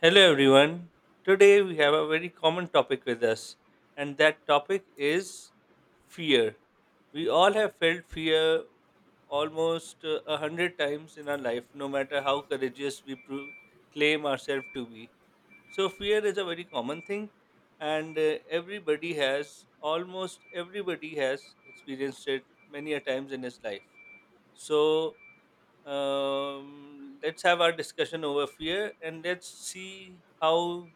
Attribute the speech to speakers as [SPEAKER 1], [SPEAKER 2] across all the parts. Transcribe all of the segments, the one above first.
[SPEAKER 1] Hello, everyone. Today we have a very common topic with us, and that topic is fear. We all have felt fear almost a hundred times in our life, no matter how courageous we claim ourselves to be. So, fear is a very common thing, and everybody has, almost everybody has experienced it many a times in his life. So, let's have our discussion over fear and let's see how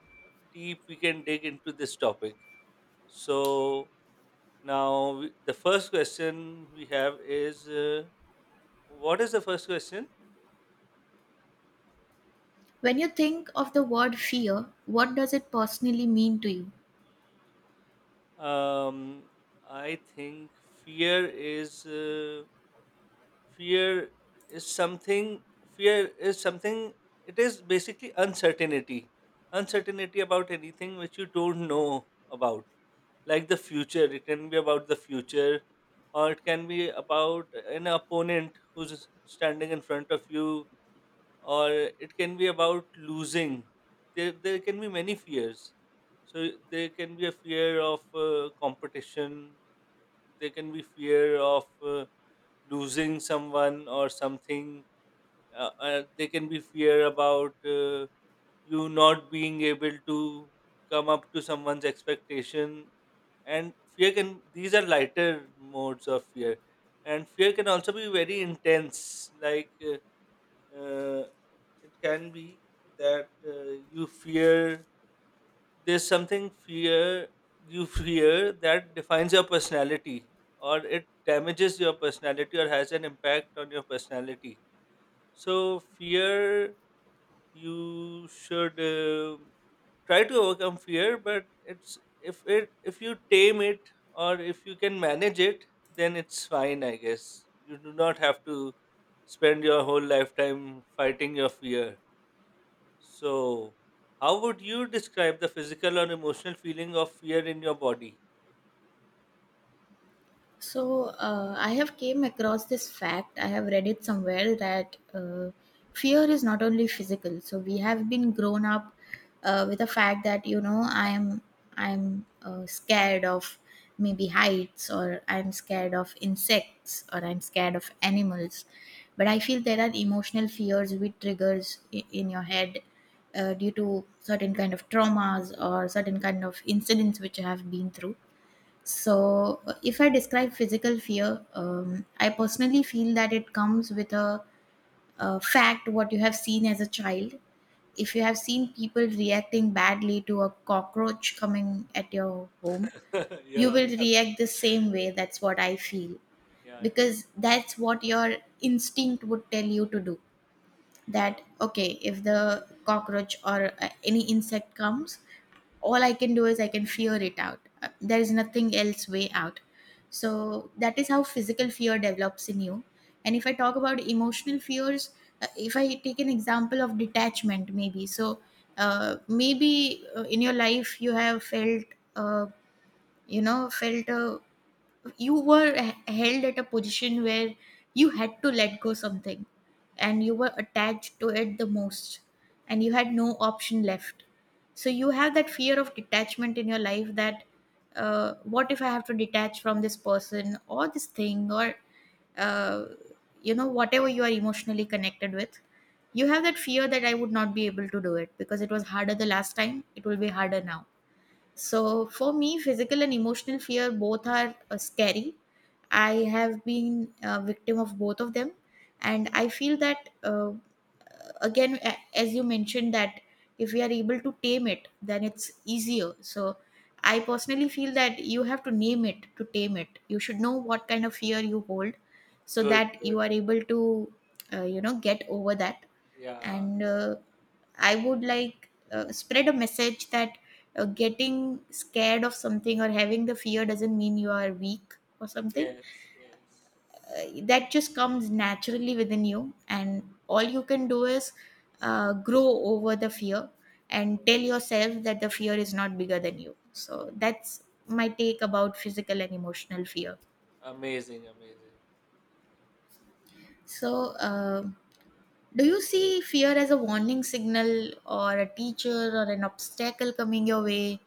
[SPEAKER 1] deep we can dig into this topic. So, now the first question we have is what is the first question?
[SPEAKER 2] When you think of the word fear, what does it personally mean to you?
[SPEAKER 1] Um, I think fear is uh, fear is something fear is something. It is basically uncertainty about anything which you don't know about, like the future. It can be about the future, or it can be about an opponent who's standing in front of you, or it can be about losing. There can be many fears. So there can be a fear of competition. There can be fear of losing someone or something. There can be fear about you not being able to come up to someone's expectation. And fear can these are lighter modes of fear. And fear can also be very intense, like uh, it can be that you fear there's something fear you fear that defines your personality, or it damages your personality, or has an impact on your personality. So fear, you should try to overcome fear, but it's if it if you tame it or if you can manage it, then it's fine, I guess. You do not have to spend your whole lifetime fighting your fear. So how would you describe the physical or emotional feeling of fear in your body?
[SPEAKER 2] So I have came across this fact. I have read it somewhere that fear is not only physical. So we have been grown up with the fact that you know I'm scared of maybe heights, or I'm scared of insects, or I'm scared of animals. But I feel there are emotional fears which triggers in your head due to certain kind of traumas or certain kind of incidents which you have been through. So, if I describe physical fear, I personally feel that it comes with a fact what you have seen as a child. If you have seen people reacting badly to a cockroach coming at your home, you
[SPEAKER 1] Yeah.
[SPEAKER 2] will react the same way. That's what I feel,
[SPEAKER 1] Yeah, yeah,
[SPEAKER 2] because that's what your instinct would tell you to do.
[SPEAKER 1] yeah.
[SPEAKER 2] That okay, if the cockroach or any insect comes, all I can do is I can fear it out. There is nothing else way out. So that is how physical fear develops in you. And if I talk about emotional fears, if I take an example of detachment maybe. So maybe in your life you have felt, uh, you know, felt a, you were held at a position where you had to let go something, and you were attached to it the most, and you had no option left. So you have that fear of detachment in your life that what if I have to detach from this person or this thing, or uh, you know, whatever you are emotionally connected with. You have that fear that I would not be able to do it because it was harder the last time, it will be harder now. So for me, physical and emotional fear both are scary. I have been a victim of both of them, and I feel that again, as you mentioned, that if we are able to tame it, then it's easier. So I personally feel that you have to name it to tame it. You should know what kind of fear you hold, so
[SPEAKER 1] Good,
[SPEAKER 2] that
[SPEAKER 1] good.
[SPEAKER 2] you are able to, you know, get over that.
[SPEAKER 1] Yeah.
[SPEAKER 2] And I would like spread a message that getting scared of something or having the fear doesn't mean you are weak or something.
[SPEAKER 1] Yes, yes.
[SPEAKER 2] That just comes naturally within you, and all you can do is grow over the fear and tell
[SPEAKER 1] Okay.
[SPEAKER 2] yourself that the fear is not bigger than you. So that's my take about physical and emotional fear.
[SPEAKER 1] Amazing, amazing.
[SPEAKER 2] So, do you see fear as a warning signal, or a teacher, or an obstacle coming your way?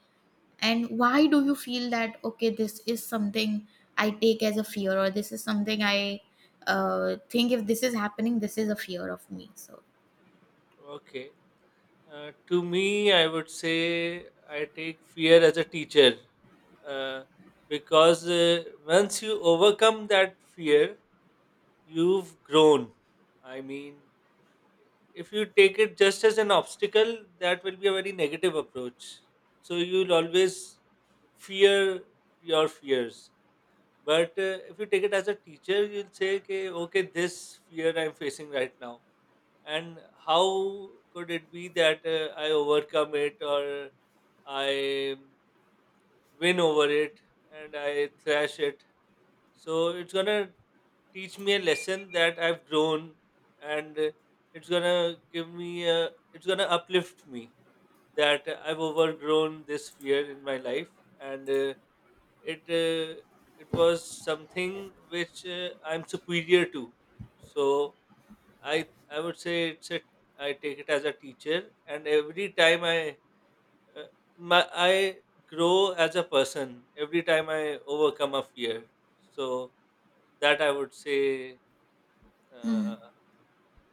[SPEAKER 2] And why do you feel that, okay, this is something I take as a fear, or this is something I think if this is happening, this is a fear of me? So,
[SPEAKER 1] Okay. To me, I would say I take fear as a teacher, uh, because once you overcome that fear, you've grown. I mean, if you take it just as an obstacle, that will be a very negative approach. So you'll always fear your fears. But if you take it as a teacher, you'll say, okay, okay, this fear I'm facing right now, and how could it be that I overcome it, or I win over it and I thrash it? So it's gonna teach me a lesson that I've grown, and it's gonna give me it's gonna uplift me, that I've overgrown this fear in my life, and it it was something which I'm superior to. So I would say it's a I take it as a teacher, and every time uh, I grow as a person. Every time I overcome a fear, so that I would say,
[SPEAKER 2] hmm,
[SPEAKER 1] uh,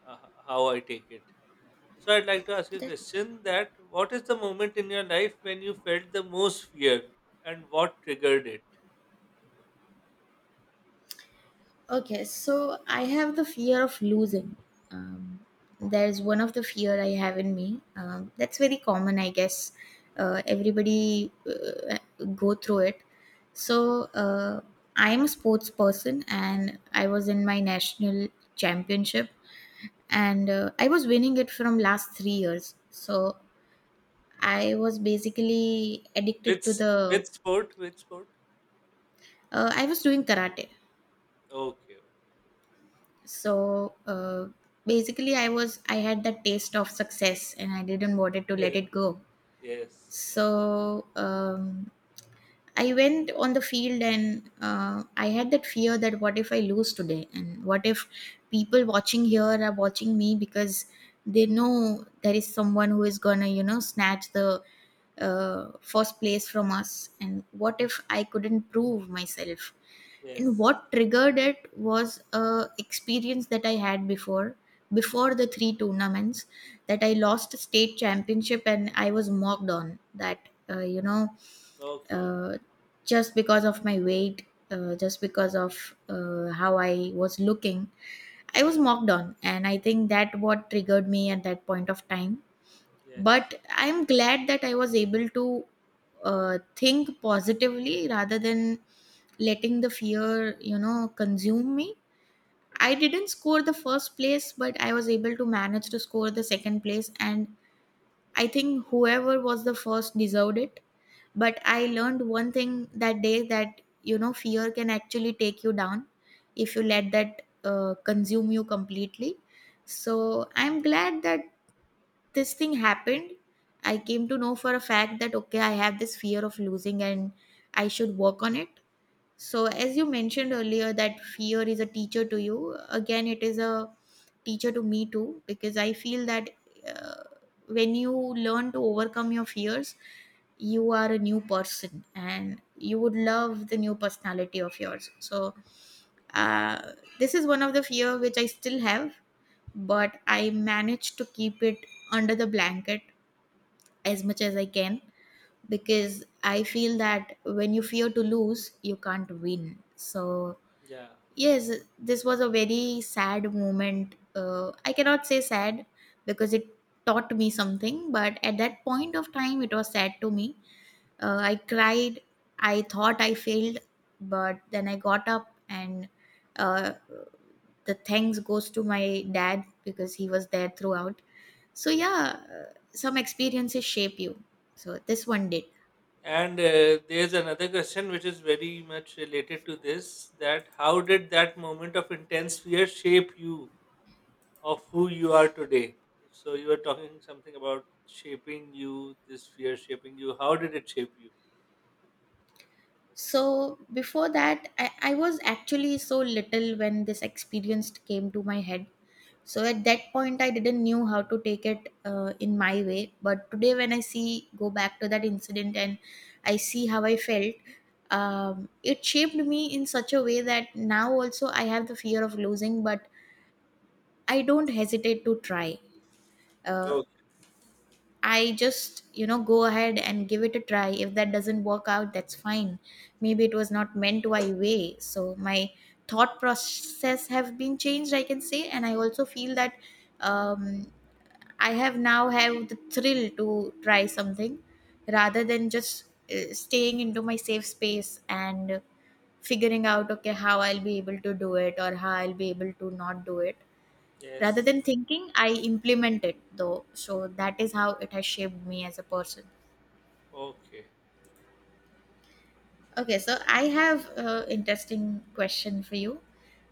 [SPEAKER 1] uh, how I take it. So I'd like to ask you a
[SPEAKER 2] that-
[SPEAKER 1] question: that what is the moment in your life when you felt the most fear, and what triggered it?
[SPEAKER 2] okay, so I have the fear of losing. Um, there's one of the fear I have in me. That's very common, I guess. Uh, everybody go through it. So I am a sports person, and I was in my national championship, and I was winning it from last 3 years. So I was basically addicted
[SPEAKER 1] Which
[SPEAKER 2] to the.
[SPEAKER 1] which sport? Which sport?
[SPEAKER 2] I was doing karate.
[SPEAKER 1] Okay.
[SPEAKER 2] So uh, basically I had that taste of success, and I didn't wanted to let
[SPEAKER 1] Yes.
[SPEAKER 2] it go.
[SPEAKER 1] Yes.
[SPEAKER 2] So I went on the field and I had that fear that what if I lose today, and what if people watching here are watching me because they know there is someone who is gonna, you know, snatch the first place from us, and what if I couldn't prove myself. And
[SPEAKER 1] Yes.
[SPEAKER 2] what triggered it was a experience that I had before. Before the three tournaments, that I lost a state championship, and I was mocked on that, you know,
[SPEAKER 1] Okay. Okay.
[SPEAKER 2] uh, just because of my weight, just because of how I was looking. I was
[SPEAKER 1] Yeah.
[SPEAKER 2] mocked on, and I think that what triggered me at that point of time.
[SPEAKER 1] Yes.
[SPEAKER 2] But I'm glad that I was able to think positively rather than letting the fear, you know, consume me. I
[SPEAKER 1] Hmm.
[SPEAKER 2] didn't score the first place, but I was able to manage to score the second place. And I think whoever was the first deserved it. But I
[SPEAKER 1] Mm.
[SPEAKER 2] learned one thing that day, that you know, fear can actually take you down if you let that consume you completely. So I'm glad that this thing happened. I came to know for a fact that okay, I have this fear of losing, and I should work on it. So as you mentioned earlier that fear is a teacher to you, again it is a teacher to me too, because I feel that uh, when you learn to overcome your fears, you are a new person, and you would love the new personality of yours. So uh, this is one of the fear which I still have, but I managed to keep it under the blanket as much as I can, because I feel that when you fear to lose, you can't win. So,
[SPEAKER 1] Yeah.
[SPEAKER 2] yes, this was a very sad moment. I cannot say sad because it taught me something, but at that point of time, it was sad to me. I cried. I thought I failed, but then I got up and, uh, the thanks goes to my dad because he was there throughout. So yeah, some experiences shape you. So this one did.
[SPEAKER 1] And there's another question which is very much related to this, that how did that moment of intense fear shape you, of who you are today? So you were talking something about shaping you, this fear shaping you. How did it shape you?
[SPEAKER 2] So before that, I was actually so little when this experience came to my head. So at that point I didn't knew how to take it in my way. But today when I see, go back to that incident and I see how I felt, it shaped me in such a way that now also I have the fear of losing, but I don't hesitate to try. uh,
[SPEAKER 1] Okay.
[SPEAKER 2] I just, you know, go ahead and give it a try. If that doesn't work out, that's fine. Maybe it was not meant my way. So my thought process have been changed, I can say. And I also feel that um, I have now have the thrill to try something rather than just staying into my safe space and figuring out okay how I'll be able to do it or how I'll be able to not do it. Rather
[SPEAKER 1] Yes.
[SPEAKER 2] than thinking, I implement it though. So that is how it has shaped me as a person.
[SPEAKER 1] Okay.
[SPEAKER 2] Okay, so I have an interesting question for you.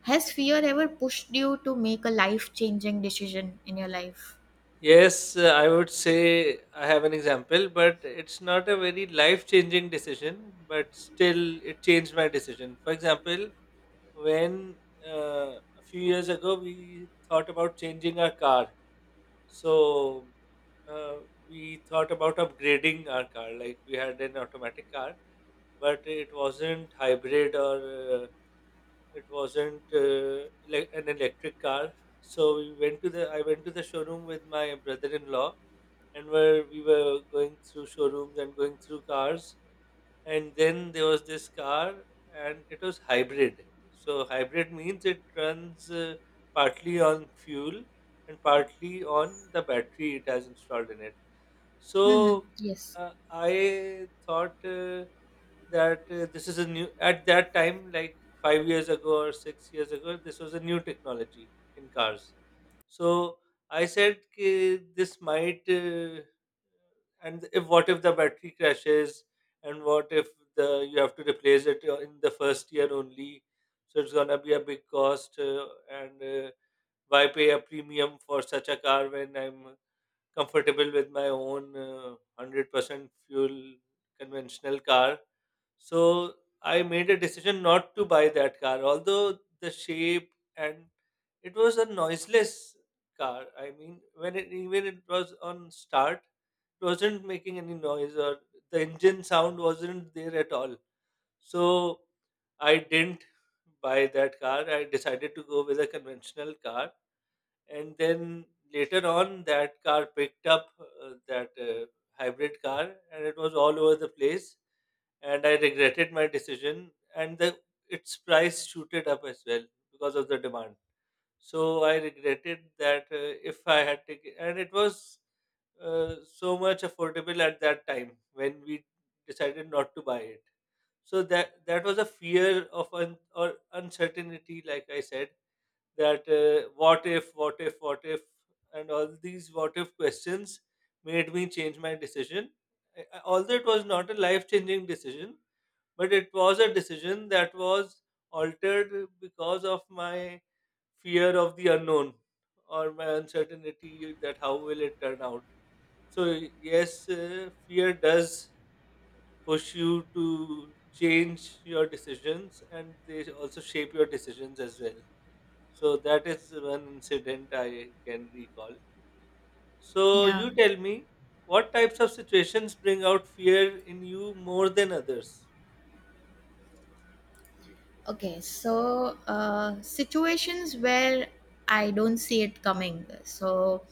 [SPEAKER 2] Has fear ever pushed you to make a life changing decision in your life?
[SPEAKER 1] Yes, I would say I have an example, but it's not a very life changing decision, but still it changed my decision. For example, when a few years ago we thought about changing our car. So uh, we thought about upgrading our car. Like we had an automatic car, but it wasn't hybrid, or it wasn't like an electric car. So we went to the I went to the showroom with my brother-in-law, and where we were going through showrooms and going through cars, and then there was this car, and it was hybrid. So hybrid means it runs partly on fuel and partly on the battery it has installed in it.
[SPEAKER 2] Hmm.
[SPEAKER 1] So
[SPEAKER 2] Yes.
[SPEAKER 1] I thought that this is a new, at that time, like 5 years ago or 6 years ago, this was a new technology in cars. So I said, "Ki this might, and if, what if the battery crashes, and what if the you have to replace it in the first year only, so it's gonna be a big cost, and why pay a premium for such a car when I'm comfortable with my own 100% fuel conventional car." So I made a decision not to buy that car, although the shape, and it was a noiseless car. I mean, when it, even it was on start, it wasn't making any noise, or the engine sound wasn't there at all. So I didn't buy that car. I decided to go with a conventional car, and then later on that car picked up, that hybrid car, and it was all over the place, and I regretted my decision, and the its price shooted up as well because of the demand. So I regretted that, if I had taken, and it was so much affordable at that time when we decided not to buy it. So that was a fear of or uncertainty, like I said, that what if, what if, what if, and all these what if questions made me change my decision. Although it was not a life changing decision, but it was a decision that was altered because of my fear of the unknown, or my uncertainty that how will it turn out. So, yes, fear does push you to change your decisions, and they also shape your decisions as well. So that is one incident I can recall. So
[SPEAKER 2] Yeah.
[SPEAKER 1] you tell me, what types of situations bring out fear in you more than others?
[SPEAKER 2] Okay, so situations where I don't see it coming. So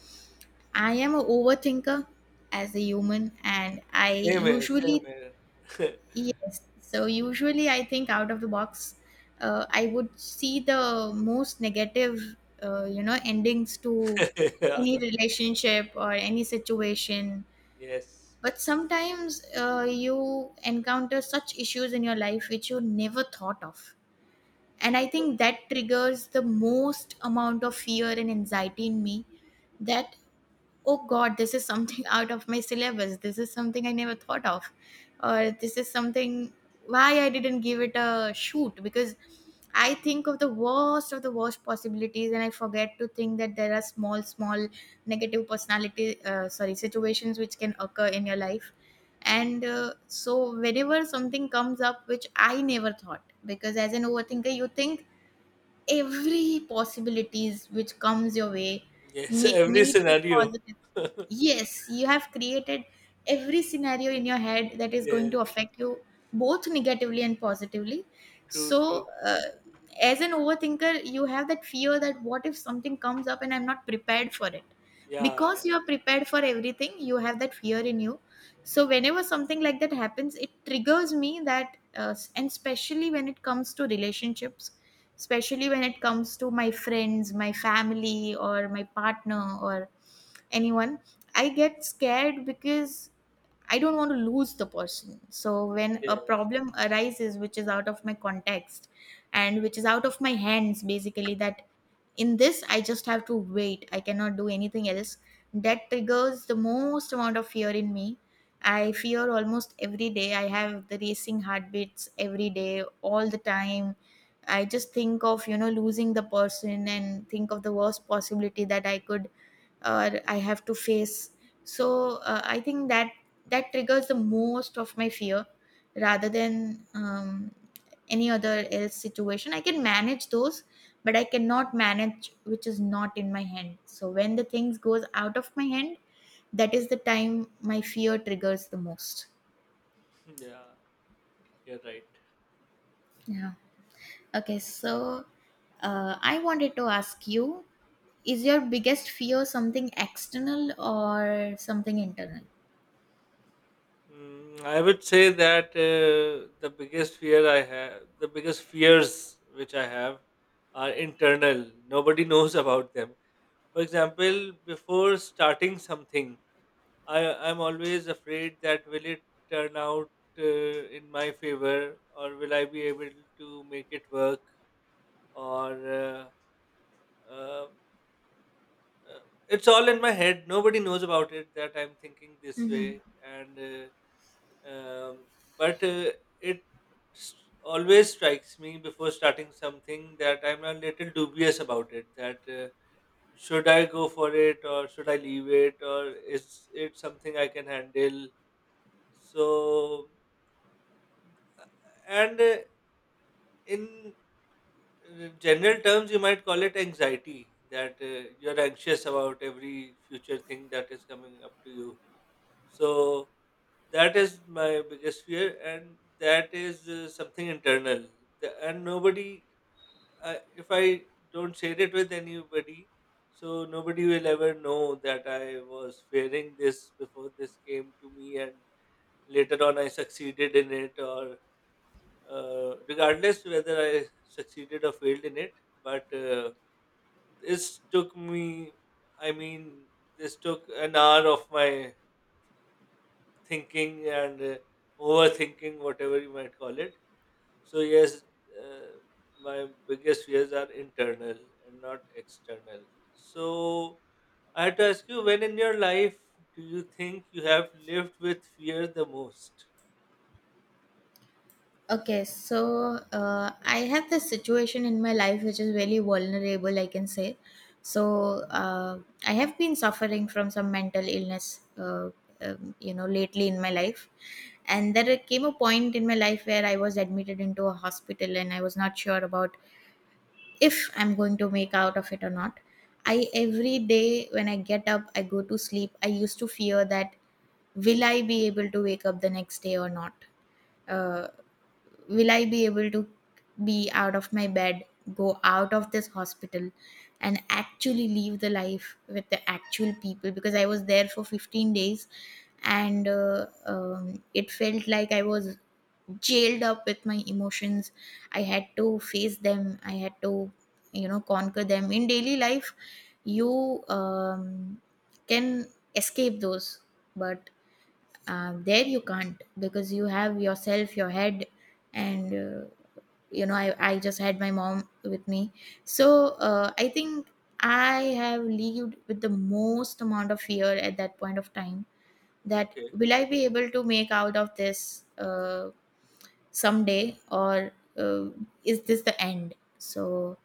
[SPEAKER 2] I am a overthinker as a human, and I
[SPEAKER 1] Same here, same
[SPEAKER 2] usually,
[SPEAKER 1] here.
[SPEAKER 2] yes. So usually I think out of the box. I would see the most negative, you know, endings to
[SPEAKER 1] Yeah.
[SPEAKER 2] any relationship or any situation.
[SPEAKER 1] Yes.
[SPEAKER 2] But sometimes you encounter such issues in your life which you never thought of, and I think that triggers the most amount of fear and anxiety in me. That oh god, this is something out of my syllabus, this is something I never thought of, or this is something why I didn't give it a shoot. Because I think of the worst possibilities, and I forget to think that there are small small negative personality, sorry, situations which can occur in your life. And so whenever something comes up which I never thought, because as an overthinker you think every possibilities which comes your way,
[SPEAKER 1] Yes, every
[SPEAKER 2] may it be
[SPEAKER 1] scenario.
[SPEAKER 2] positive. Yes, you have created every scenario in your head that is going to
[SPEAKER 1] Yes,
[SPEAKER 2] affect you both negatively and positively.
[SPEAKER 1] true, true.
[SPEAKER 2] So, as an overthinker, you have that fear that what if something comes up and I'm not prepared for it?
[SPEAKER 1] Yeah,
[SPEAKER 2] Because you are prepared for everything, you have that fear in you. So, whenever something like that happens, it triggers me that, and especially when it comes to relationships, especially when it comes to my friends, my family, or my partner, or anyone, I get scared because I don't want to lose the person. So when a
[SPEAKER 1] yeah,
[SPEAKER 2] problem arises which is out of my context and which is out of my hands basically, that in this I just have to wait, I cannot do anything else, that triggers the most amount of fear in me. I fear almost every day, I have the racing heartbeats every day, all the time. I just think of, you know, losing the person and think of the worst possibility that I could or I have to face. So I think that that triggers the most of my fear rather than any other else situation. I can manage those, but I cannot manage which is not in my hand. So when the things goes out of my hand, that is the time my fear triggers the most.
[SPEAKER 1] yeah. You're right.
[SPEAKER 2] Yeah. Okay. So I wanted to ask you: is your biggest fear something external or something internal?
[SPEAKER 1] Mm, I would say that the biggest fear I have, the biggest fears which I have, are internal. Nobody knows about them. For example, before starting something, i I'm always afraid that will it turn out in my favor, or will I be able to make it work, or uh, uh, uh, it's all in my head. Nobody knows about it that I'm thinking this
[SPEAKER 2] Mm-hmm.
[SPEAKER 1] way, and but it s- always strikes me before starting something, that I'm a little dubious about it. That should I go for it, or should I leave it, or is it something I can handle? So and in general terms, you might call it anxiety. That you're anxious about every future thing that is coming up to you. So that is my biggest fear, and that is something internal. And nobody, if I don't share it with anybody, so nobody will ever know that I was fearing this before this came to me, and later on I succeeded in it, or regardless whether I succeeded or failed in it. But this took me, I mean, this took an hour of my thinking and overthinking, whatever you might call it. So, yes, uh, my biggest fears are internal and not external. So, I had to ask you, when in your life do you think you have lived with fear the most?
[SPEAKER 2] Okay, so I have this situation in my life which is really vulnerable, I can say. So I have been suffering from some mental illness, you know, lately in my life. And there came a point in my life where I was admitted into a hospital and I was not sure about if I'm going to make out of it or not. I every day when I get up, I go to sleep, I used to fear that will I be able to wake up the next day or not? Uh, will I be able to be out of my bed, go out of this hospital, and actually live the life with the actual people? Because I was there for 15 days and it felt like I was jailed up with my emotions. I had to face them, I had to, you know, conquer them. In daily life, you can escape those, but there you can't because you have yourself, your head, and I just had my mom with me, so I think I have lived with the most amount of fear at that point of time, that
[SPEAKER 1] Okay.
[SPEAKER 2] will I be able to make out of this someday, or uh, is this the end? So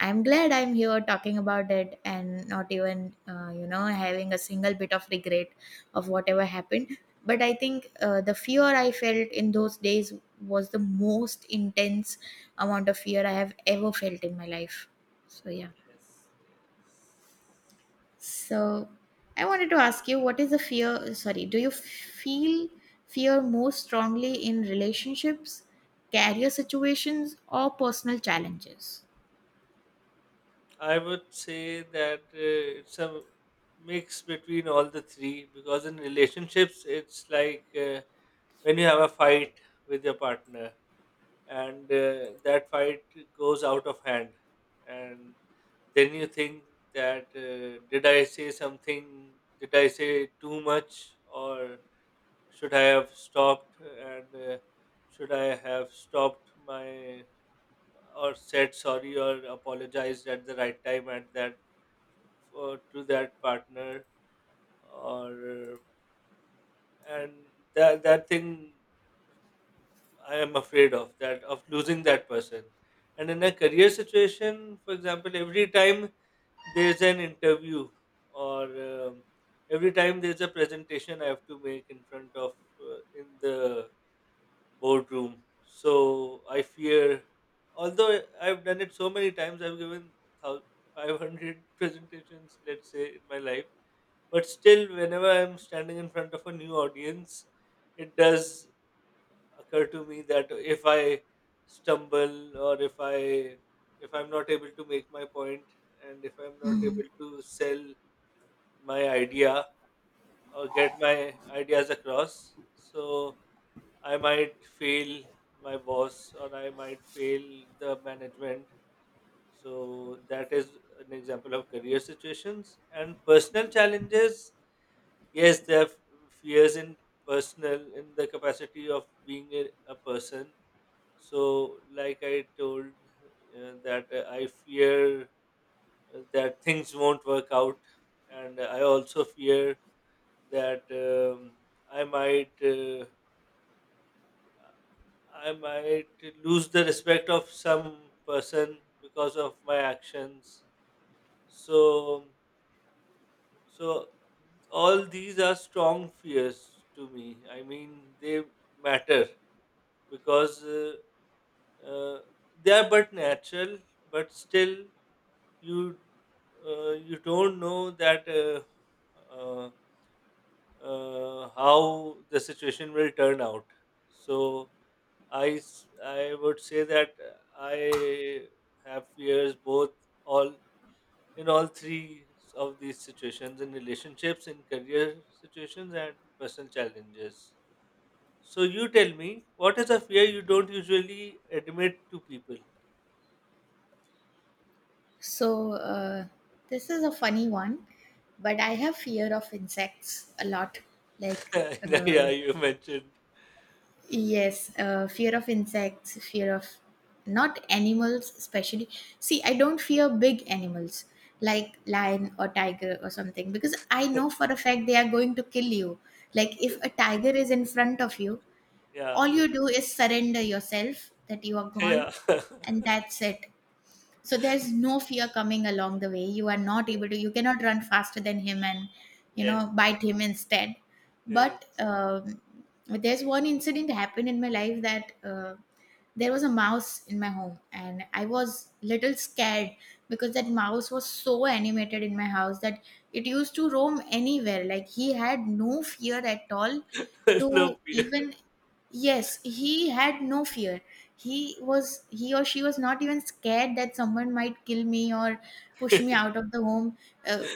[SPEAKER 2] I'm glad I'm here talking about it and not even you know, having a single bit of regret of whatever happened. But I think the fear I felt in those days was the most intense amount of fear I have ever felt in my life, so yeah.
[SPEAKER 1] Yes. Yes.
[SPEAKER 2] So I wanted to ask you what is the fear, sorry, do you feel fear most strongly in relationships, career situations or personal challenges?
[SPEAKER 1] I would say that it's a mix between all the three, because in relationships, it's like, when you have a fight with your partner, and that fight goes out of hand, and then you think that, did I say something, did I say too much, or should I have stopped, and should I have stopped my, or said sorry or apologized at the right time, at that, for, to that partner, or and that thing, I am afraid of that, of losing that person. And in a career situation, for example, every time there's an interview, or every time there's a presentation I have to make in front of, in the boardroom, so I fear. Although I've done it so many times, I've given thou- 500 presentations, let's say, in my life. But still, whenever I'm standing in front of a new audience, it does occur to me that if I stumble, or if I'm not able to make my point, and if I'm not
[SPEAKER 2] Hmm.
[SPEAKER 1] able to sell my idea or get my ideas across, so I might fail my boss, or I might fail the management. So that is an example of career situations and personal challenges. Yes, there are fears in personal, in the capacity of being a person. So, like I told that I fear that things won't work out, and I also fear that I might uh, I might lose the respect of some person because of my actions. So, so, all these are strong fears to me. I mean, they matter because uh, they are but natural, but still you you don't know that uh, how the situation will turn out. So I would say that I have fears both all in all three of these situations: in relationships, in career situations, and personal challenges. So, you tell me, what is a fear you don't usually admit to people?
[SPEAKER 2] So this is a funny one, but I have fear of insects a lot. Like uh,
[SPEAKER 1] Yeah, you mentioned.
[SPEAKER 2] yes, fear of insects, fear of, not animals, especially. See, I don't fear big animals like lion or tiger or something because I know for a fact they are going to kill you. Like, if a tiger is in front of you,
[SPEAKER 1] Yeah,
[SPEAKER 2] all you do is surrender yourself that you are gone,
[SPEAKER 1] yeah,
[SPEAKER 2] and that's it. So there's no fear coming along the way. You are not
[SPEAKER 1] yeah.
[SPEAKER 2] able to, you cannot run faster than him and you
[SPEAKER 1] Yes,
[SPEAKER 2] know bite him instead. But
[SPEAKER 1] yes.
[SPEAKER 2] there's one incident happened in my life that there was a mouse in my home and I was little scared because that mouse was so animated in my house that it used to roam anywhere, like he had no fear at all
[SPEAKER 1] No
[SPEAKER 2] to
[SPEAKER 1] fear.
[SPEAKER 2] even, yes, he had no fear. He was, he or she was not even scared that someone might kill me or push me out of the home. Uh,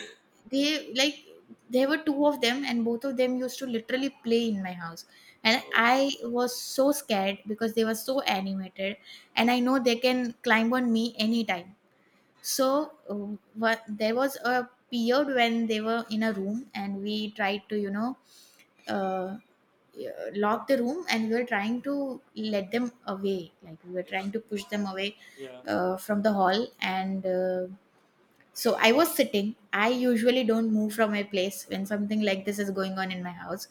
[SPEAKER 2] they like, there were two of them and both of them used to literally play in my house. And
[SPEAKER 1] Okay.
[SPEAKER 2] I was so scared because they were so animated, and I know they can climb on me anytime. So what, there was a period when they were in a room and we tried to, you know, uh, locked the room and we were trying to let them away, like we were
[SPEAKER 1] Yeah,
[SPEAKER 2] trying to push them away
[SPEAKER 1] yeah,
[SPEAKER 2] from the hall, and so I was sitting, I usually don't move from my place when something like this is going on in my house.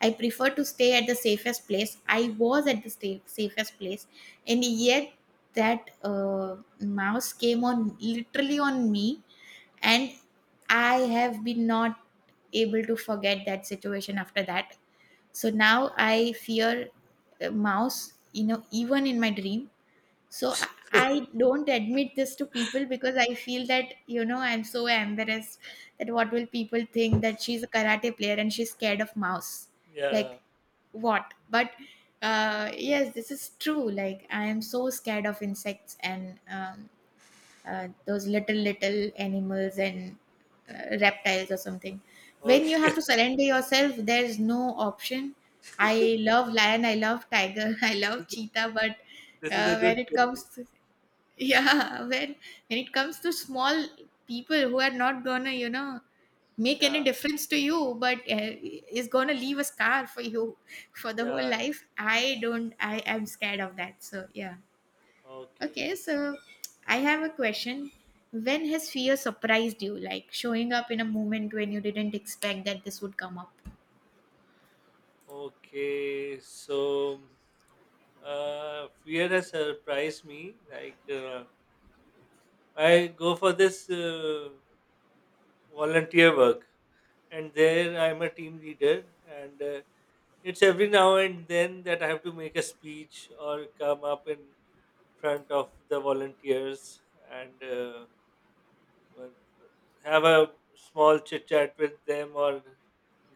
[SPEAKER 2] I prefer to stay at the safest place. I was at the safest place, and yet that mouse came on literally on me, and I have been not able to forget that situation after that. So now I fear a mouse, you know, even in my dream. So I don't admit this to people because I feel that, you know, I'm so embarrassed that what will people think, that she's a karate player and she's scared of mouse.
[SPEAKER 1] yeah.
[SPEAKER 2] Like what? But uh, yes, this is true. Like I am so scared of insects and those little little animals and reptiles or something. When you
[SPEAKER 1] Okay.
[SPEAKER 2] have to surrender yourself, there's no option. I love lion, I love tiger I love
[SPEAKER 1] This is
[SPEAKER 2] cheetah, but
[SPEAKER 1] this is a good
[SPEAKER 2] when it comes
[SPEAKER 1] theory.
[SPEAKER 2] to yeah, when it comes to small people who are not gonna, you know, make any
[SPEAKER 1] Yeah,
[SPEAKER 2] difference to you, but is gonna leave a scar for you for the whole
[SPEAKER 1] yeah,
[SPEAKER 2] life, I
[SPEAKER 1] yeah.
[SPEAKER 2] don't, I am scared of that, so yeah.
[SPEAKER 1] Okay,
[SPEAKER 2] Okay,
[SPEAKER 1] okay.
[SPEAKER 2] so I have a question. When has fear surprised you, like showing up in a moment when you didn't expect that this would come up?
[SPEAKER 1] Okay, so fear has surprised me. Like I go for this volunteer work, and there I'm a team leader, and it's every now and then that I have to make a speech or come up in front of the volunteers and have a small chit chat with them or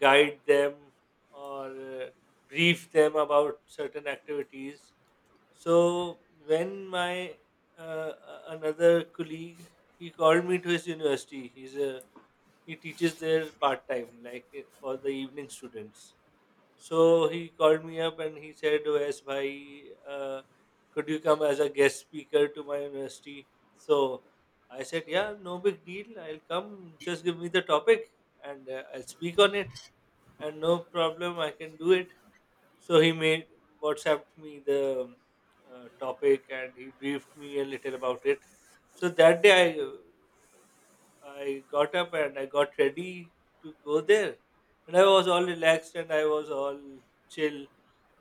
[SPEAKER 1] guide them or uh, brief them about certain activities. So when my another colleague he called me to his university. He's a he teaches there part time, like eh, for the evening students. So he called me up and he said, "Oh, yes, bhai, could you come as a guest speaker to my university?" So I said, "Yeah, no big deal. I'll come. Just give me the topic and I'll speak on it, and no problem. I can do it." So he made WhatsApped me the topic and he briefed me a little about it. So that day I got up and I got ready to go there, and I was all relaxed and I was all chill,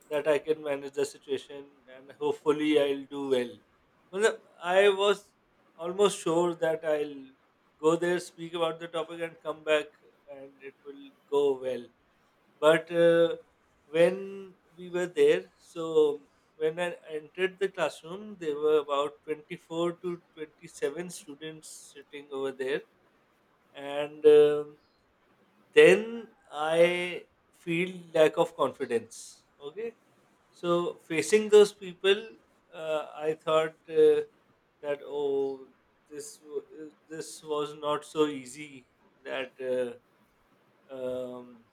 [SPEAKER 1] that I can manage the situation and hopefully I'll do well. Well, I was almost sure that I'll go there, speak about the topic, and come back, and it will go well. But when we were there, so when I entered the classroom, there were about 24 to 27 students sitting over there. And then I feel lack of confidence. Okay. So facing those people, I thought that, oh, this was not so easy that um,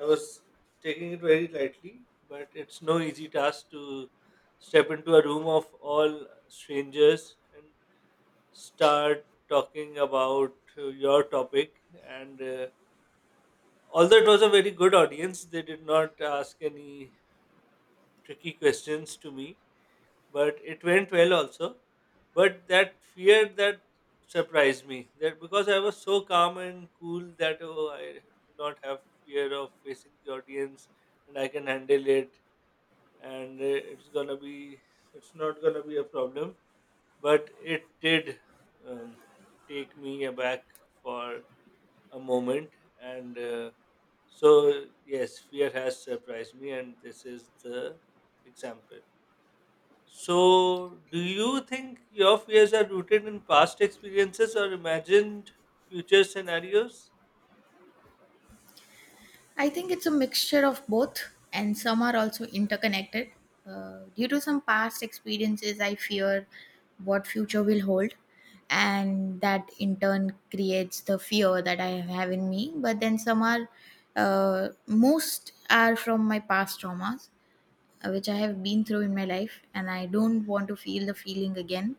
[SPEAKER 1] I was taking it very lightly, but it's no easy task to step into a room of all strangers and start talking about your topic. And although it was a very good audience, they did not ask any tricky questions to me, but it went well also. But that fear that surprised me, that because I was so calm and cool that, oh, I do not have fear of facing the audience and I can handle it and it's not gonna be a problem, but it did um, take me aback for a moment. And so yes, fear has surprised me and this is the example. So do you think your fears are rooted in past experiences or imagined future scenarios?
[SPEAKER 2] I think it's a mixture of both, and some are also interconnected. Due to some past experiences, I fear what future will hold, and that in turn creates the fear that I have in me. But then some are, most are from my past traumas, which I have been through in my life, and I don't want to feel the feeling again.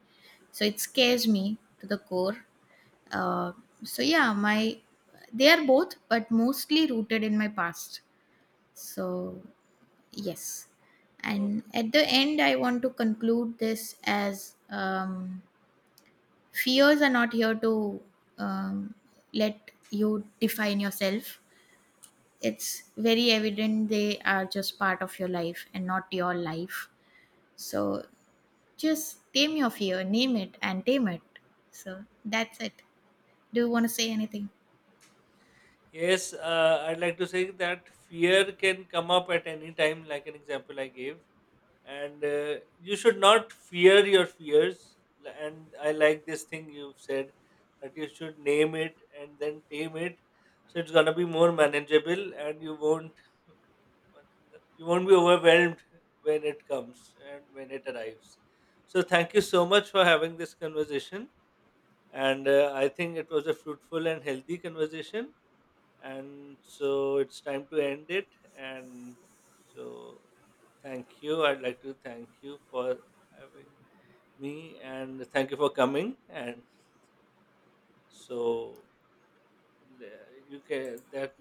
[SPEAKER 2] So it scares me to the core. Uh, so yeah, my they are both, but mostly rooted in my past. So yes, and
[SPEAKER 1] Okay.
[SPEAKER 2] at the end, I want to conclude this as fears are not here to um, let you define yourself. It's very evident they are just part of your life and not your life. So just tame your fear, name it, and tame it. So that's it. Do you want to say anything?
[SPEAKER 1] Yes, I'd like to say that fear can come up at any time, like an example I gave, and you should not fear your fears. And I like this thing you've said, that you should name it and then tame it, so it's going to be more manageable and you won't be overwhelmed when it comes and when it arrives. So thank you so much for having this conversation, and I think it was a fruitful and healthy conversation, and so it's time to end it. And so thank you, I'd like to thank you for having me, and thank you for coming. And so, le- you can that